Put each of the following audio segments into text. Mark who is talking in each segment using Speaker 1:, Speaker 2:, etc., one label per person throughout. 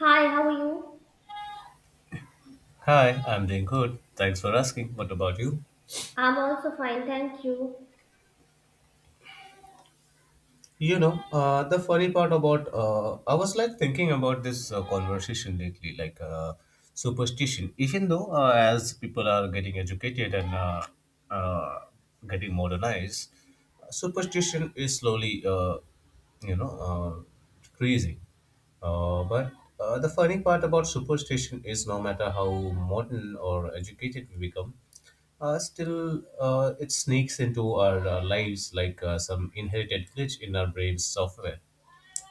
Speaker 1: Hi, how are you?
Speaker 2: Hi, I'm doing good. Thanks for asking. What about you?
Speaker 1: I'm also fine, thank you.
Speaker 2: The funny part about I was like thinking about this conversation lately, like superstition. Even though as people are getting educated and uh, getting modernized, superstition is slowly, you know, decreasing. But the funny part about superstition is no matter how modern or educated we become, still it sneaks into our lives like some inherited glitch in our brain's software.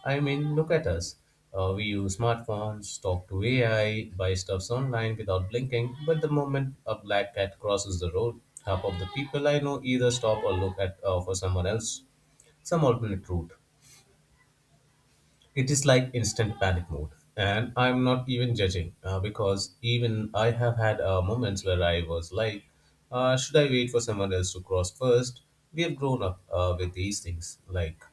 Speaker 2: I mean, look at us. We use smartphones, talk to AI, buy stuffs online without blinking, but the moment a black cat crosses the road, half of the people I know either stop or look at for someone else, some alternate route. It is like instant panic mode. And I'm not even judging because even I have had moments where I was like, should I wait for someone else to cross first? We have grown up with these things. Like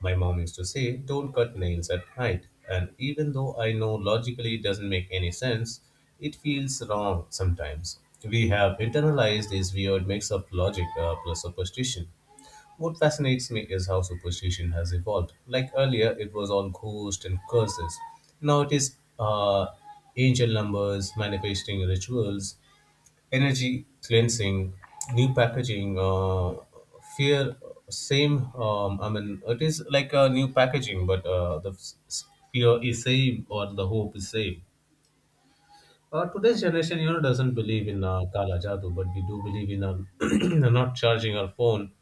Speaker 2: my mom used to say, don't cut nails at night. And even though I know logically it doesn't make any sense, it feels wrong sometimes. We have internalized this weird mix of logic plus superstition. What fascinates me is how superstition has evolved. Like earlier, it was all ghosts and curses. Now it is angel numbers, manifesting rituals, energy cleansing, new packaging, fear. Same. I mean, it is like a new packaging, but fear is same or the hope is same. Today's generation, you know, doesn't believe in Kala Jadu, but we do believe in not charging our phone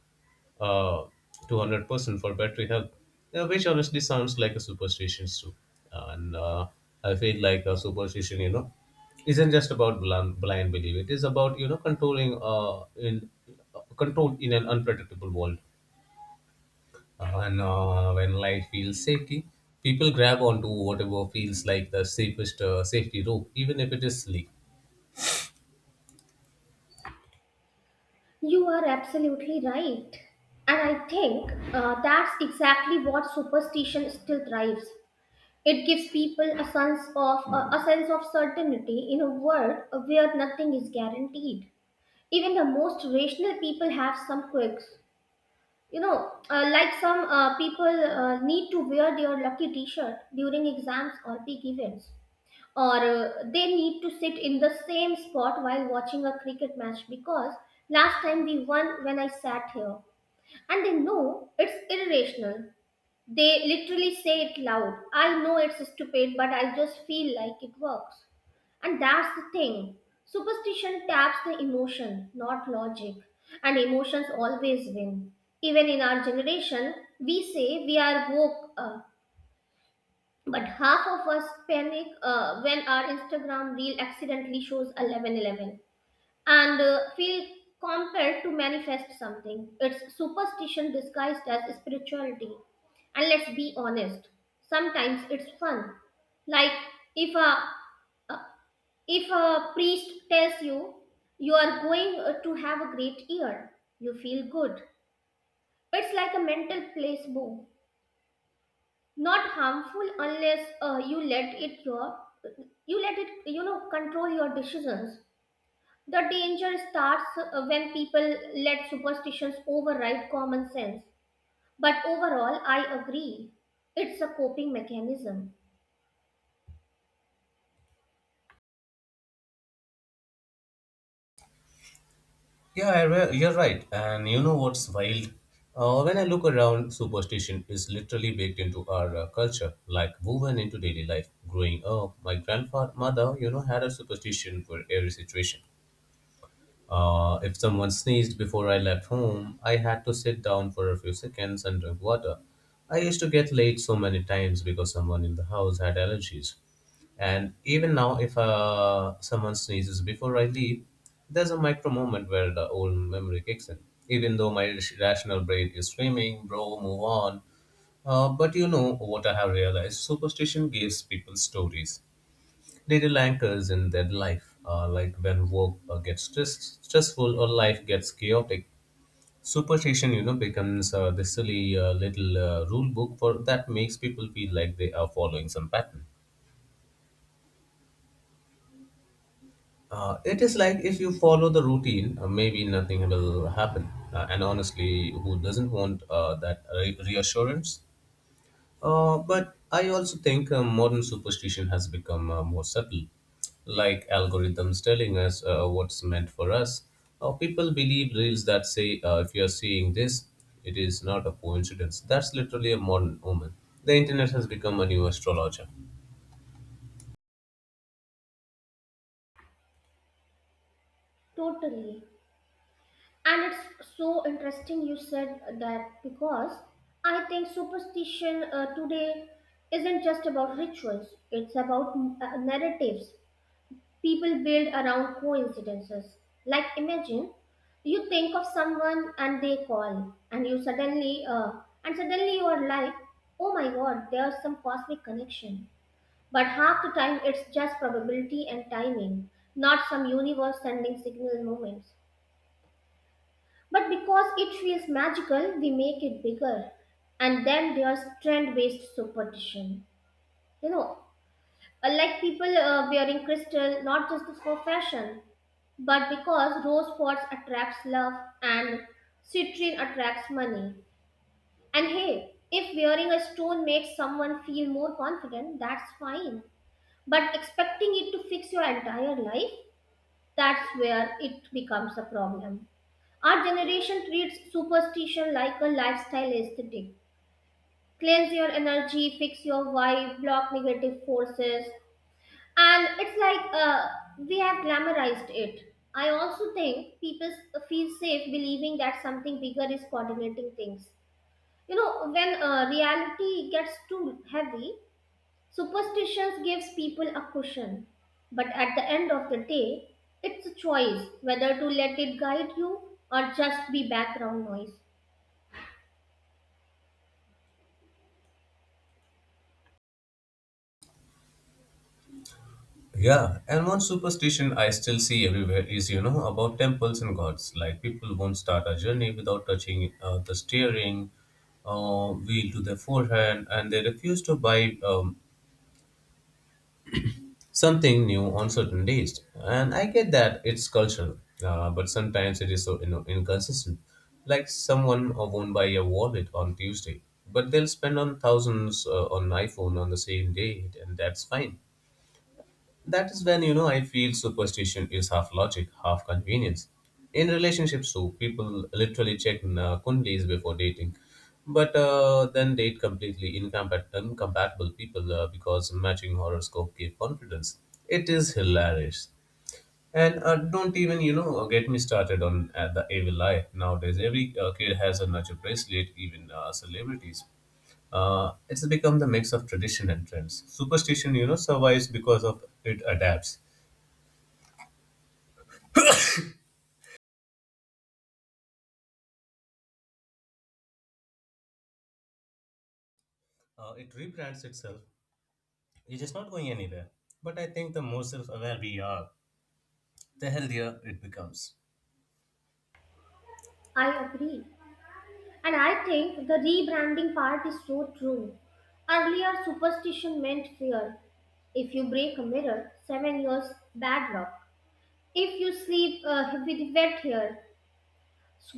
Speaker 2: uh, 200% for battery health, which honestly sounds like a superstition too. And I feel like a superstition, you know, isn't just about blind belief. It is about, you know, control in an unpredictable world. And when life feels shaky, people grab onto whatever feels like the safest safety rope, even if it is sleek.
Speaker 1: You are absolutely right. And I think that's exactly what superstition still thrives. It gives people a sense of a sense of certainty in a world where nothing is guaranteed. Even the most rational people have some quirks. Like some people need to wear their lucky T-shirt during exams or big events or they need to sit in the same spot while watching a cricket match because last time we won when I sat here. And they know it's irrational. They literally say it loud. I know it's stupid, but I just feel like it works. And that's the thing. Superstition taps the emotion, not logic. And emotions always win. Even in our generation, we say we are woke up, but half of us panic when our Instagram reel accidentally shows 11:11 and feel compelled to manifest something. It's superstition disguised as spirituality. And let's be honest, sometimes it's fun. Like if a if a priest tells you you are going to have a great year, you feel good. It's like a mental placebo. Not harmful unless you let it control your decisions. The danger starts when people let superstitions override common sense, but overall I agree, it's a coping mechanism.
Speaker 2: Yeah, you're right. And you know what's wild? When I look around, superstition is literally baked into our culture, like woven into daily life. Growing up, my grandfather, mother, you know, had a superstition for every situation. If someone sneezed before I left home, I had to sit down for a few seconds and drink water. I used to get late so many times because someone in the house had allergies. And even now, if someone sneezes before I leave, there's a micro moment where the old memory kicks in. Even though my rational brain is screaming, bro, move on, but you know what I have realized superstition gives people stories. Little anchors in their life, like when work stressful or life gets chaotic. Superstition, you know, becomes the silly little rule book for that makes people feel like they are following some pattern. It is like if you follow the routine, maybe nothing will happen. And honestly, who doesn't want that reassurance? But I also think modern superstition has become more subtle, like algorithms telling us what's meant for us. People believe reels that say, if you're seeing this, it is not a coincidence. That's literally a modern omen. The internet has become a new astrologer.
Speaker 1: Totally. And it's so interesting you said that because I think superstition today isn't just about rituals, it's about narratives people build around coincidences. Like imagine you think of someone and they call and suddenly you are like, oh my god, there's some cosmic connection. But half the time it's just probability and timing, not some universe sending signal moments. But because it feels magical, we make it bigger. And then there's trend based superstition. You know, like people wearing crystal not just for fashion, but because rose pots attracts love and citrine attracts money. And hey, if wearing a stone makes someone feel more confident, that's fine. But expecting it to fix your entire life, that's where it becomes a problem. Our generation treats superstition like a lifestyle aesthetic. Cleanse your energy, fix your vibe, block negative forces, and it's like we have glamorized it. I also think feel safe believing that something bigger is coordinating things. You know, when reality gets too heavy, superstitions gives people a cushion. But at the end of the day, it's a choice whether to let it guide you or just be background noise.
Speaker 2: Yeah, and one superstition I still see everywhere is, you know, about temples and gods. Like people won't start a journey without touching the steering wheel to their forehand, and they refuse to buy something new on certain days. And I get that it's cultural, but sometimes it is so you know, inconsistent. Like someone won't buy a wallet on Tuesday, but they'll spend on thousands on iPhone on the same day, and that's fine. That is when you know I feel superstition is half logic, half convenience. In relationships, too, people literally check kundlis before dating, but then date completely incompatible people because matching horoscope gave confidence. It is hilarious. And don't even, you know, get me started on the evil eye. Nowadays, every kid has a nurture bracelet, even celebrities. It's become the mix of tradition and trends. Superstition, you know, survives because of it adapts. It rebrands itself. It is not going anywhere. But I think the more self aware we are, the healthier it becomes.
Speaker 1: I agree. And I think the rebranding part is so true. Earlier, superstition meant fear. If you break a mirror, 7 years bad luck. If you sleep with wet hair,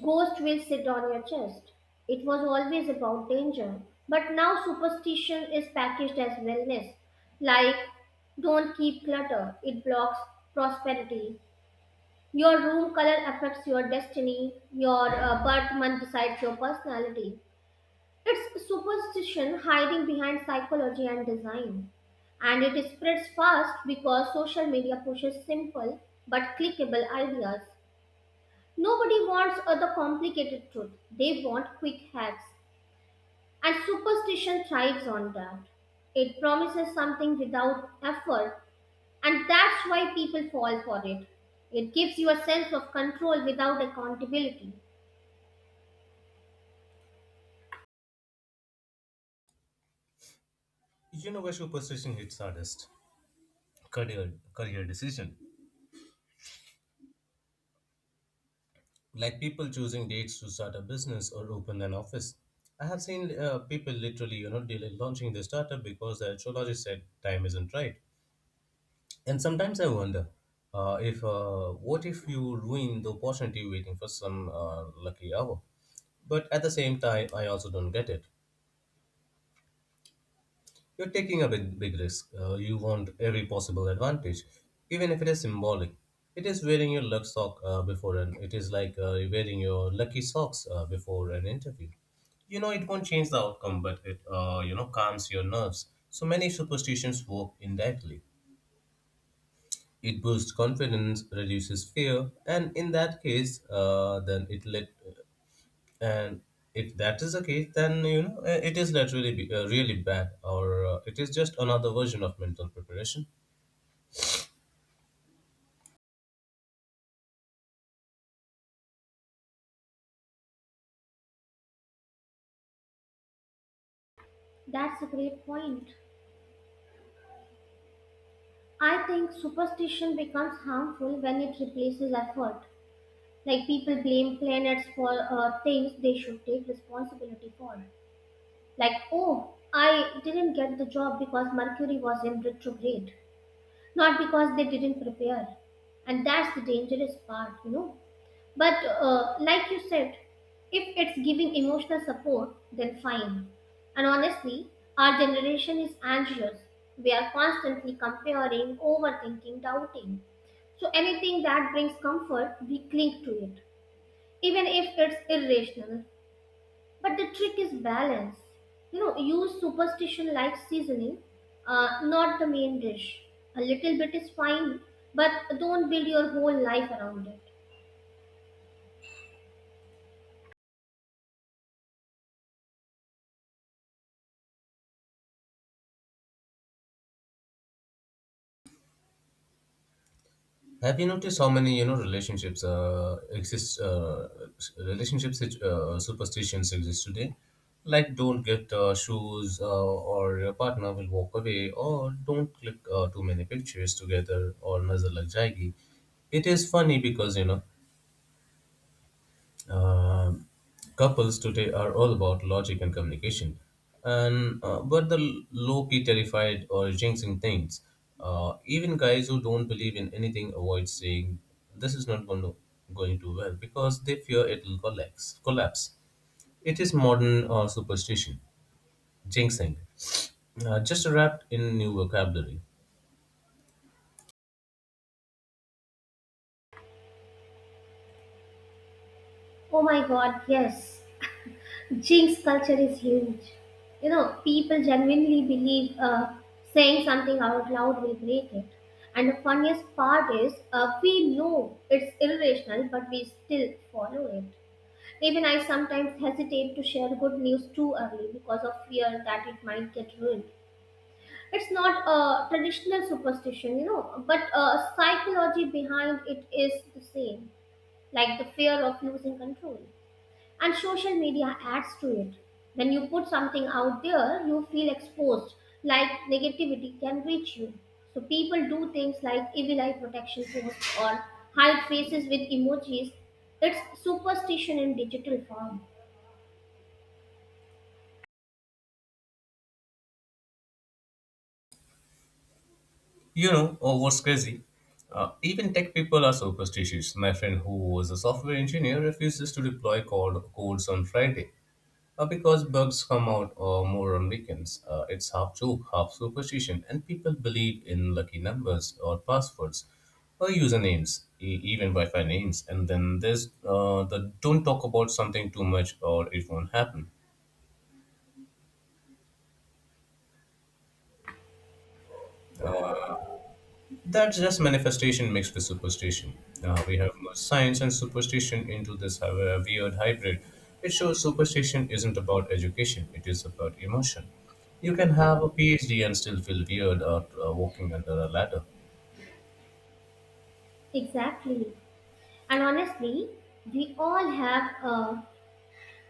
Speaker 1: ghost will sit on your chest. It was always about danger, but now superstition is packaged as wellness. Like, don't keep clutter; it blocks prosperity. Your room color affects your destiny. Your birth month decides your personality. It's superstition hiding behind psychology and design. And it spreads fast because social media pushes simple but clickable ideas. Nobody wants the complicated truth, they want quick hacks. And superstition thrives on that. It promises something without effort, and that's why people fall for it. It gives you a sense of control without accountability.
Speaker 2: You know where superstition hits hardest? Career decision. Like people choosing dates to start a business or open an office. I have seen people literally, you know, delay launching their startup because the astrologist said time isn't right. And sometimes I wonder, if what if you ruin the opportunity waiting for some lucky hour? But at the same time, I also don't get it. You're taking a big risk. You want every possible advantage, even if it is symbolic. It is wearing your luck sock before an. It is like wearing your lucky socks before an interview. You know it won't change the outcome, but it you know calms your nerves. So many superstitions work indirectly. It boosts confidence, reduces fear, and in that case, then it let and if that is the case, then you know it is not really bad, or it is just another version of mental preparation.
Speaker 1: That's a great point. I think superstition becomes harmful when it replaces effort. Like people blame planets for things they should take responsibility for. Like, oh, I didn't get the job because Mercury was in retrograde, not because they didn't prepare. And that's the dangerous part, you know. But like you said, if it's giving emotional support, then fine. And honestly, our generation is anxious. We are constantly comparing, overthinking, doubting. So anything that brings comfort, we cling to it, even if it's irrational. But the trick is balance. You know, use superstition like seasoning, not the main dish. A little bit is fine, but don't build your whole life around it.
Speaker 2: Have you noticed how many you know relationships exist relationship sit- superstitions exist today, like don't get shoes or your partner will walk away, or don't click too many pictures together or nuzzle like jaggy. It is funny because you know, Um couples today are all about logic and communication, and but the low key terrified or jinxing things. Even guys who don't believe in anything avoid saying this is not going to well because they fear it will collapse. It is modern superstition, jinxing, just wrapped in new vocabulary.
Speaker 1: Oh my god, yes. Jinx culture is huge. You know, people genuinely believe saying something out loud will break it. And the funniest part is, we know it's irrational, but we still follow it. Even I sometimes hesitate to share good news too early because of fear that it might get ruined. It's not a traditional superstition, you know, but psychology behind it is the same, like the fear of losing control. And social media adds to it. When you put something out there, you feel exposed, like negativity can reach you. So people do things like evil eye protection posts or hide faces with emojis. It's superstition in digital form.
Speaker 2: You know, oh, what's crazy? Even tech people are so superstitious. My friend, who was a software engineer, refuses to deploy codes on Friday because bugs come out more on weekends. It's half joke, half superstition, and people believe in lucky numbers or passwords or usernames, even Wi-Fi names. And then there's the don't talk about something too much or it won't happen. That's just manifestation mixed with superstition. We have merged science and superstition into this weird hybrid. It shows superstition isn't about education, it is about emotion. You can have a PhD and still feel weird out walking under a ladder.
Speaker 1: Exactly. And honestly, we all have uh,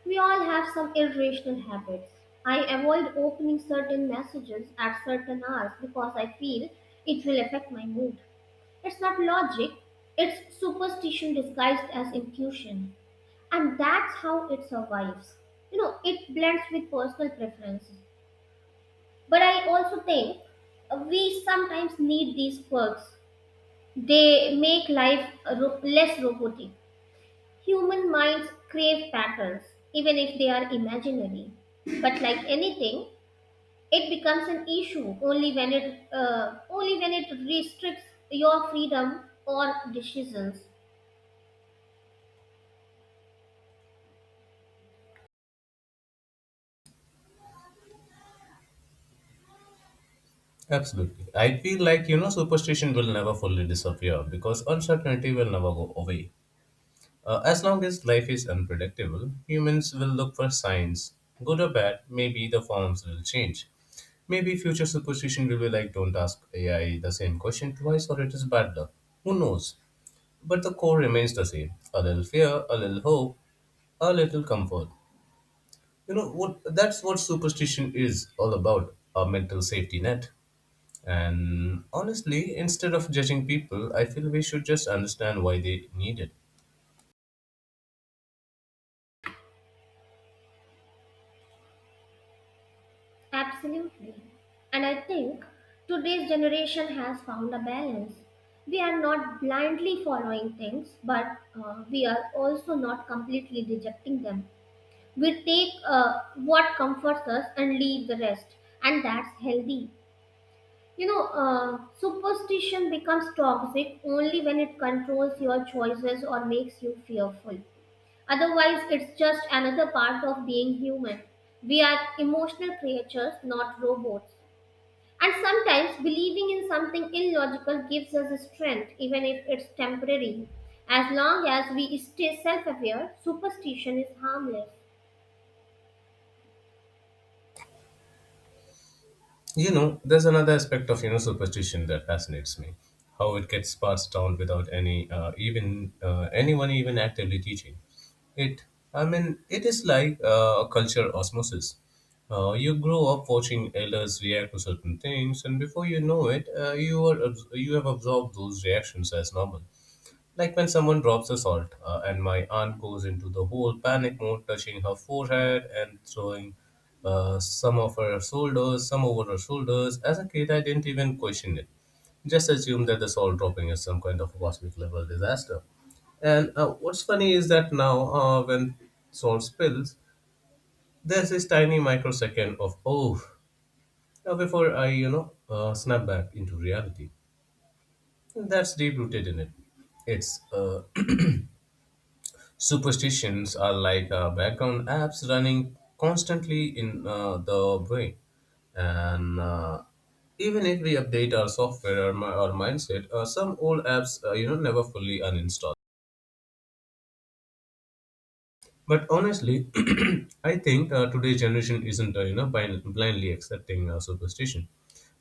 Speaker 1: we all have some irrational habits. I avoid opening certain messages at certain hours because I feel it will affect my mood. It's not logic, it's superstition disguised as intuition. And that's how it survives. You know, it blends with personal preference. But I also think we sometimes need these quirks. They make life less robotic. Human minds crave patterns, even if they are imaginary. But like anything, it becomes an issue only when it restricts your freedom or decisions.
Speaker 2: Absolutely. I feel like, you know, superstition will never fully disappear because uncertainty will never go away. As long as life is unpredictable, humans will look for signs. Good or bad, maybe the forms will change. Maybe future superstition will be like don't ask AI the same question twice or it is bad luck. Who knows? But the core remains the same. A little fear, a little hope, a little comfort. You know what, that's what superstition is all about, a mental safety net. And honestly, instead of judging people, I feel we should just understand why they need it.
Speaker 1: Absolutely. And I think today's generation has found a balance. We are not blindly following things, but we are also not completely rejecting them. We take what comforts us and leave the rest, and that's healthy. Superstition becomes toxic only when it controls your choices or makes you fearful. Otherwise, it's just another part of being human. We are emotional creatures, not robots. And sometimes believing in something illogical gives us strength, even if it's temporary. As long as we stay self aware, superstition is harmless.
Speaker 2: You know, there's another aspect of you know superstition that fascinates me, how it gets passed down without anyone even actively teaching it. I mean, it is like culture osmosis. You grow up watching elders react to certain things, and before you know it, you have absorbed those reactions as normal. Like when someone drops a salt, and my aunt goes into the whole panic mode, touching her forehead and throwing some over her shoulders. As a kid, I didn't even question it. Just assumed that the salt dropping is some kind of cosmic level disaster. And what's funny is that now, when salt spills, there's this tiny microsecond of oh, before I you know snap back into reality. That's deep rooted in it. It's Superstitions are like background apps running constantly in the brain. And even if we update our software or our mindset, some old apps you know never fully uninstall. But honestly, I think today's generation isn't you know blindly accepting superstition.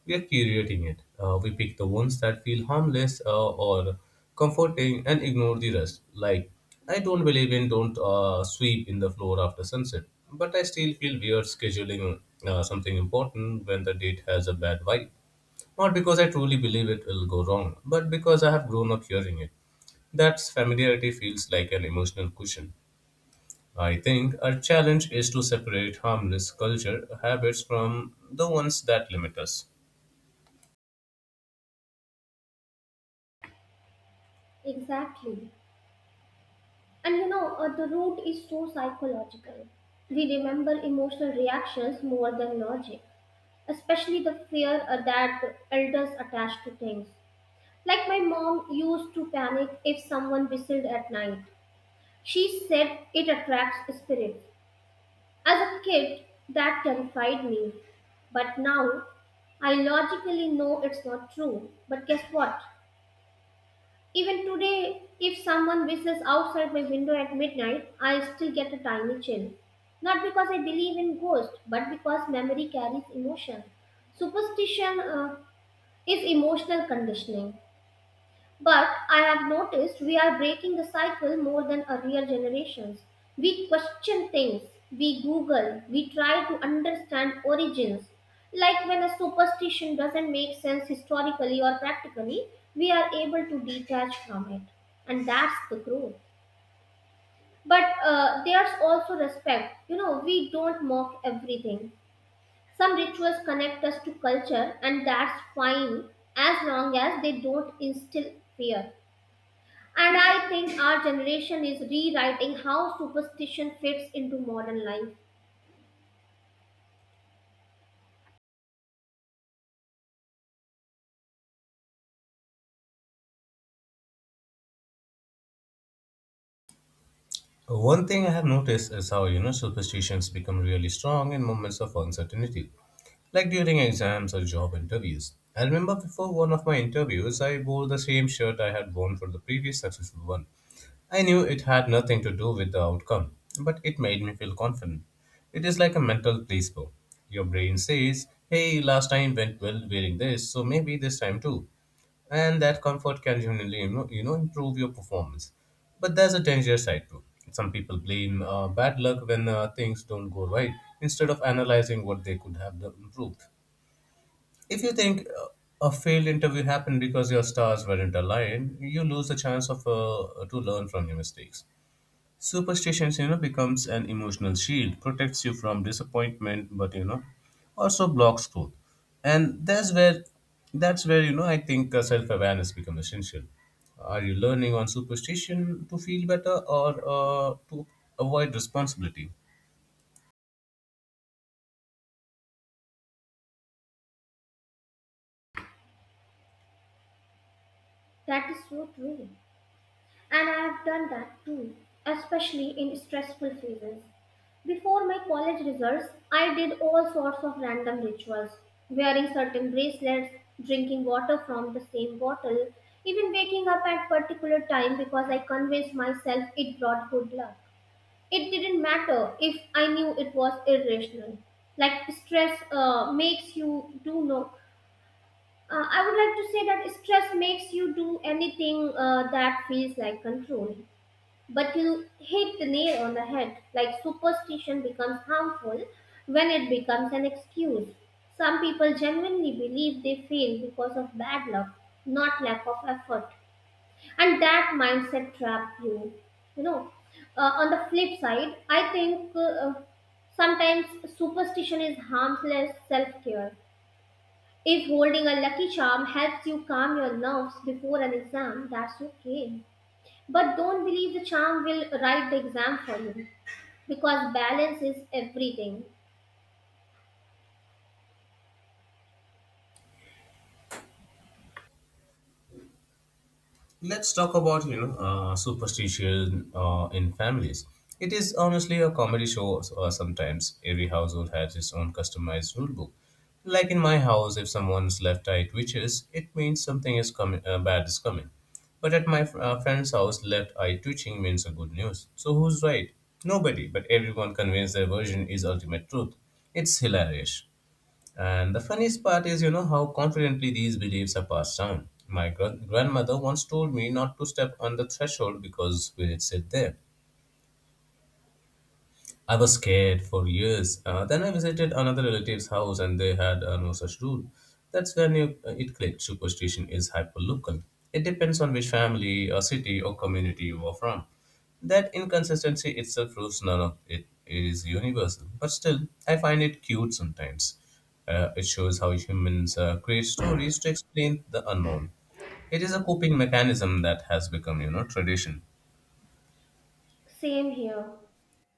Speaker 2: We are curating it. We pick the ones that feel harmless or comforting and ignore the rest. Like I don't believe in don't sweep in the floor after sunset, but I still feel weird scheduling something important when the date has a bad vibe. Not because I truly believe it will go wrong, but because I have grown up hearing it. That familiarity feels like an emotional cushion. I think our challenge is to separate harmless culture habits from the ones that limit us.
Speaker 1: Exactly. And the root is so psychological. We remember emotional reactions more than logic, especially the fear that elders attach to things. Like my mom used to panic if someone whistled at night. She said it attracts spirits. As a kid, that terrified me. But now, I logically know it's not true. But guess what? Even today, if someone whistles outside my window at midnight, I still get a tiny chill. Not because I believe in ghosts, but because memory carries emotion. Superstition is emotional conditioning. But I have noticed we are breaking the cycle more than earlier generations. We question things, we Google, we try to understand origins. Like when a superstition doesn't make sense historically or practically, we are able to detach from it. And that's the growth. But there's also respect. You know, we don't mock everything. Some rituals connect us to culture, and that's fine as long as they don't instill fear. And I think our generation is rewriting how superstition fits into modern life.
Speaker 2: One thing I have noticed is how superstitions become really strong in moments of uncertainty, like during exams or job interviews. I remember before one of my interviews, I wore the same shirt I had worn for the previous successful one. I knew it had nothing to do with the outcome, but it made me feel confident. It is like a mental placebo. Your brain says, hey, last time went well wearing this, so maybe this time too. And that comfort can genuinely improve your performance. But there's a danger side too. Some people blame bad luck when things don't go right instead of analyzing what they improved. If you think a failed interview happened because your stars weren't aligned, you lose the chance of to learn from your mistakes. Superstitions becomes an emotional shield, protects you from disappointment, but also blocks growth. And that's where I think self-awareness becomes essential. Are you learning on superstition to feel better or to avoid responsibility?
Speaker 1: That is so true. And I have done that too, especially in stressful phases. Before my college results, I did all sorts of random rituals, wearing certain bracelets, drinking water from the same bottle, even waking up at particular time because I convinced myself it brought good luck. It didn't matter if I knew it was irrational. Like stress makes you do no. I would like to say that stress makes you do anything that feels like control. But you hit the nail on the head. Like superstition becomes harmful when it becomes an excuse. Some people genuinely believe they fail because of bad luck, not lack of effort, and that mindset trap you. You know, on the flip side, I think sometimes superstition is harmless self-care. If holding a lucky charm helps you calm your nerves before an exam, that's okay, but don't believe the charm will write the exam for you, because balance is everything.
Speaker 2: Let's talk about superstition in families. It is honestly a comedy show. Sometimes every household has its own customized rule book. Like in my house, if someone's left eye twitches, it means something is coming, bad is coming. But at my friend's house, left eye twitching means a good news. So who's right? Nobody, but everyone conveys their version is ultimate truth. It's hilarious. And the funniest part is, you know, how confidently these beliefs are passed down. My grandmother once told me not to step on the threshold because we'd sit there. I was scared for years. Then I visited another relative's house and they had no such rule. That's when it clicked. Superstition is hyperlocal. It depends on which family, or city, or community you are from. That inconsistency itself proves none of it is universal. But still, I find it cute sometimes. It shows how humans create stories to explain the unknown. It is a coping mechanism that has become, you know, tradition.
Speaker 1: Same here.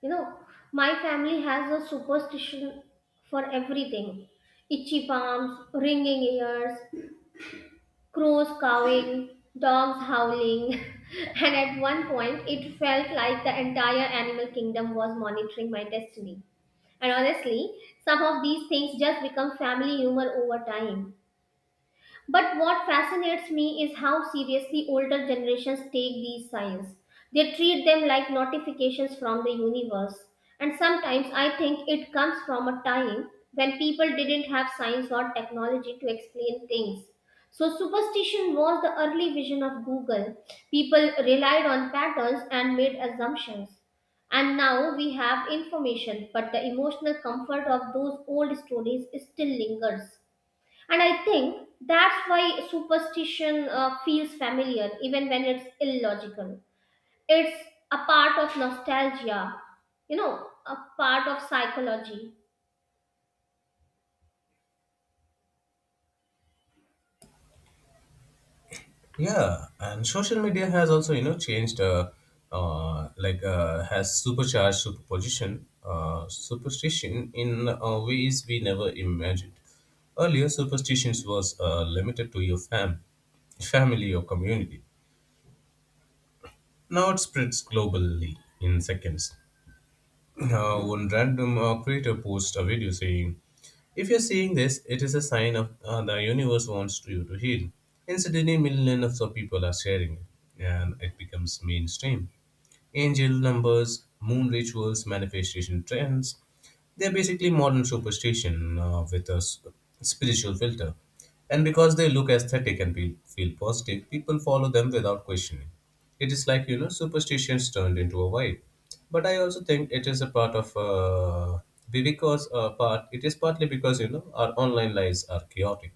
Speaker 1: You know, my family has a superstition for everything: itchy palms, ringing ears, crows cawing, dogs howling, and at one point it felt like the entire animal kingdom was monitoring my destiny. And honestly, some of these things just become family humor over time. But what fascinates me is how seriously older generations take these signs. They treat them like notifications from the universe. And sometimes I think it comes from a time when people didn't have science or technology to explain things. So, superstition was the early vision of Google. People relied on patterns and made assumptions. And now we have information, but the emotional comfort of those old stories still lingers. And I think that's why superstition feels familiar even when it's illogical. It's a part of nostalgia, you know, a part of psychology.
Speaker 2: Yeah, and social media has also changed, like has supercharged superstition in ways we never imagined. Earlier, superstitions was limited to your family or community. Now it spreads globally in seconds. One random creator posted a video saying, if you're seeing this, it is a sign of, the universe wants you to heal. Incidentally, millions of people are sharing it, and it becomes mainstream. Angel numbers, moon rituals, manifestation trends. They're basically modern superstition with a spiritual filter. And because they look aesthetic and feel positive, people follow them without questioning. It is like, you know, superstitions turned into a vibe. But I also think it is a part of, it is partly because, you know, our online lives are chaotic.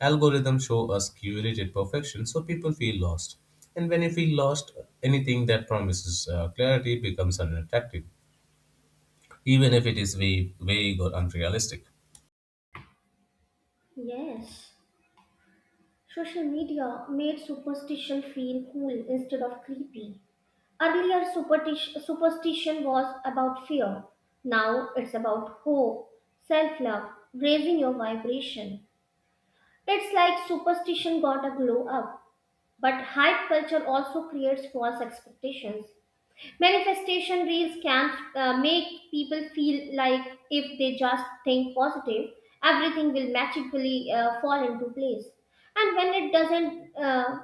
Speaker 2: Algorithms show us curated perfection, so people feel lost. And when you feel lost, anything that promises clarity becomes unattractive, even if it is vague or unrealistic.
Speaker 1: Yes. Social media made superstition feel cool instead of creepy. Earlier, superstition was about fear. Now it's about hope, self love, raising your vibration. It's like superstition got a glow up. But hype culture also creates false expectations. Manifestation reels can make people feel like if they just think positive, everything will magically fall into place. And when it doesn't,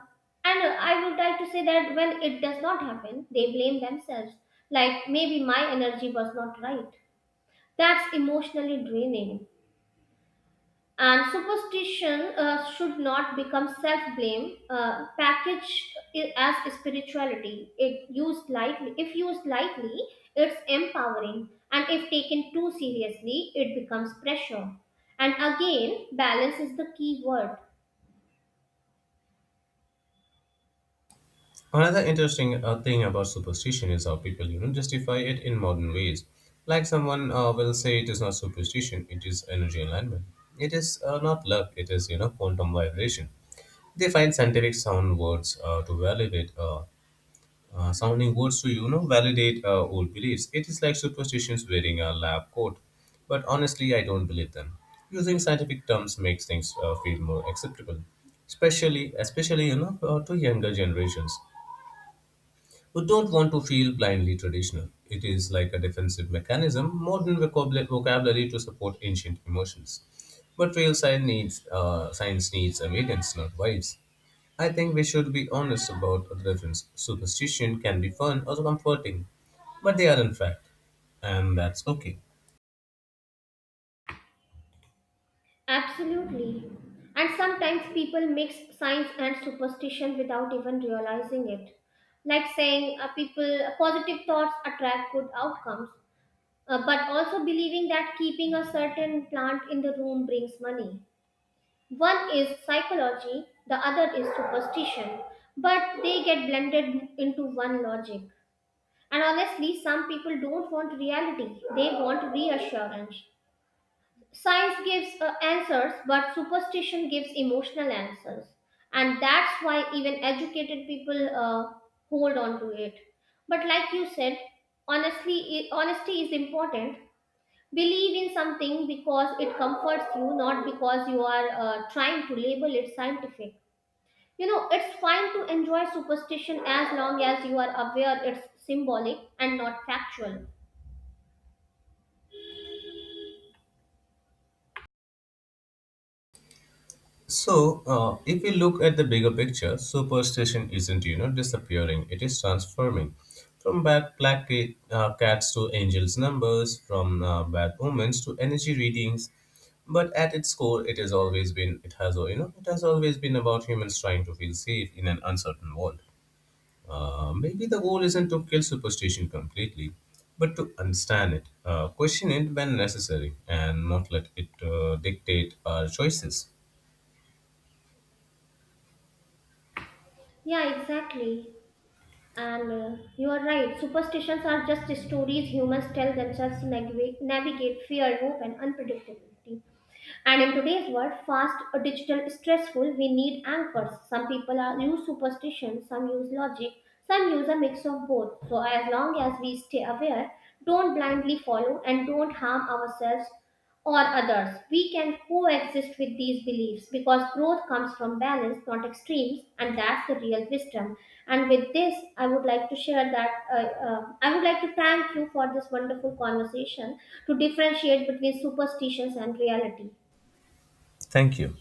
Speaker 1: and I would like to say that when it does not happen, they blame themselves. Like maybe my energy was not right. That's emotionally draining. And superstition should not become self blame, packaged as spirituality. If used lightly, it's empowering, and if taken too seriously, it becomes pressure. And again, balance is the key word.
Speaker 2: Another interesting thing about superstition is how people justify it in modern ways. Like someone will say it is not superstition, it is energy alignment. It is, not luck, it is quantum vibration. They find scientific sound words to validate sounding words to validate old beliefs. It is like superstitions wearing a lab coat, but honestly, I don't believe them. Using scientific terms makes things feel more acceptable, especially to younger generations. We don't want to feel blindly traditional. It is like a defensive mechanism, modern vocabulary to support ancient emotions. But real science needs evidence, not vibes. I think we should be honest about the difference. Superstition can be fun or comforting, but they aren't fact, and that's okay.
Speaker 1: Absolutely. And sometimes people mix science and superstition without even realizing it. Like saying people positive thoughts attract good outcomes, but also believing that keeping a certain plant in the room brings money. One is psychology, the other is superstition, but they get blended into one logic. And honestly, some people don't want reality, they want reassurance. Science gives answers, but superstition gives emotional answers. And that's why even educated people hold on to it. But like you said, honestly, honesty is important. Believe in something because it comforts you, not because you are trying to label it scientific. You know, it's fine to enjoy superstition as long as you are aware it's symbolic and not factual.
Speaker 2: So, if we look at the bigger picture, superstition isn't disappearing; it is transforming. From bad black cats to angels' numbers, from bad omens to energy readings, but at its core, it has it has always been about humans trying to feel safe in an uncertain world. Maybe the goal isn't to kill superstition completely, but to understand it, question it when necessary, and not let it dictate our choices.
Speaker 1: Yeah, exactly. And you are right. Superstitions are just stories humans tell themselves to navigate, navigate fear, hope, and unpredictability. And in today's world, fast or digital stressful, we need anchors. Some people are use superstition, some use logic, some use a mix of both. So as long as we stay aware, don't blindly follow and don't harm ourselves or others. We can coexist with these beliefs because growth comes from balance, not extremes, and that's the real wisdom. And with this, I would like to share that I would like to thank you for this wonderful conversation to differentiate between superstitions and reality.
Speaker 2: Thank you.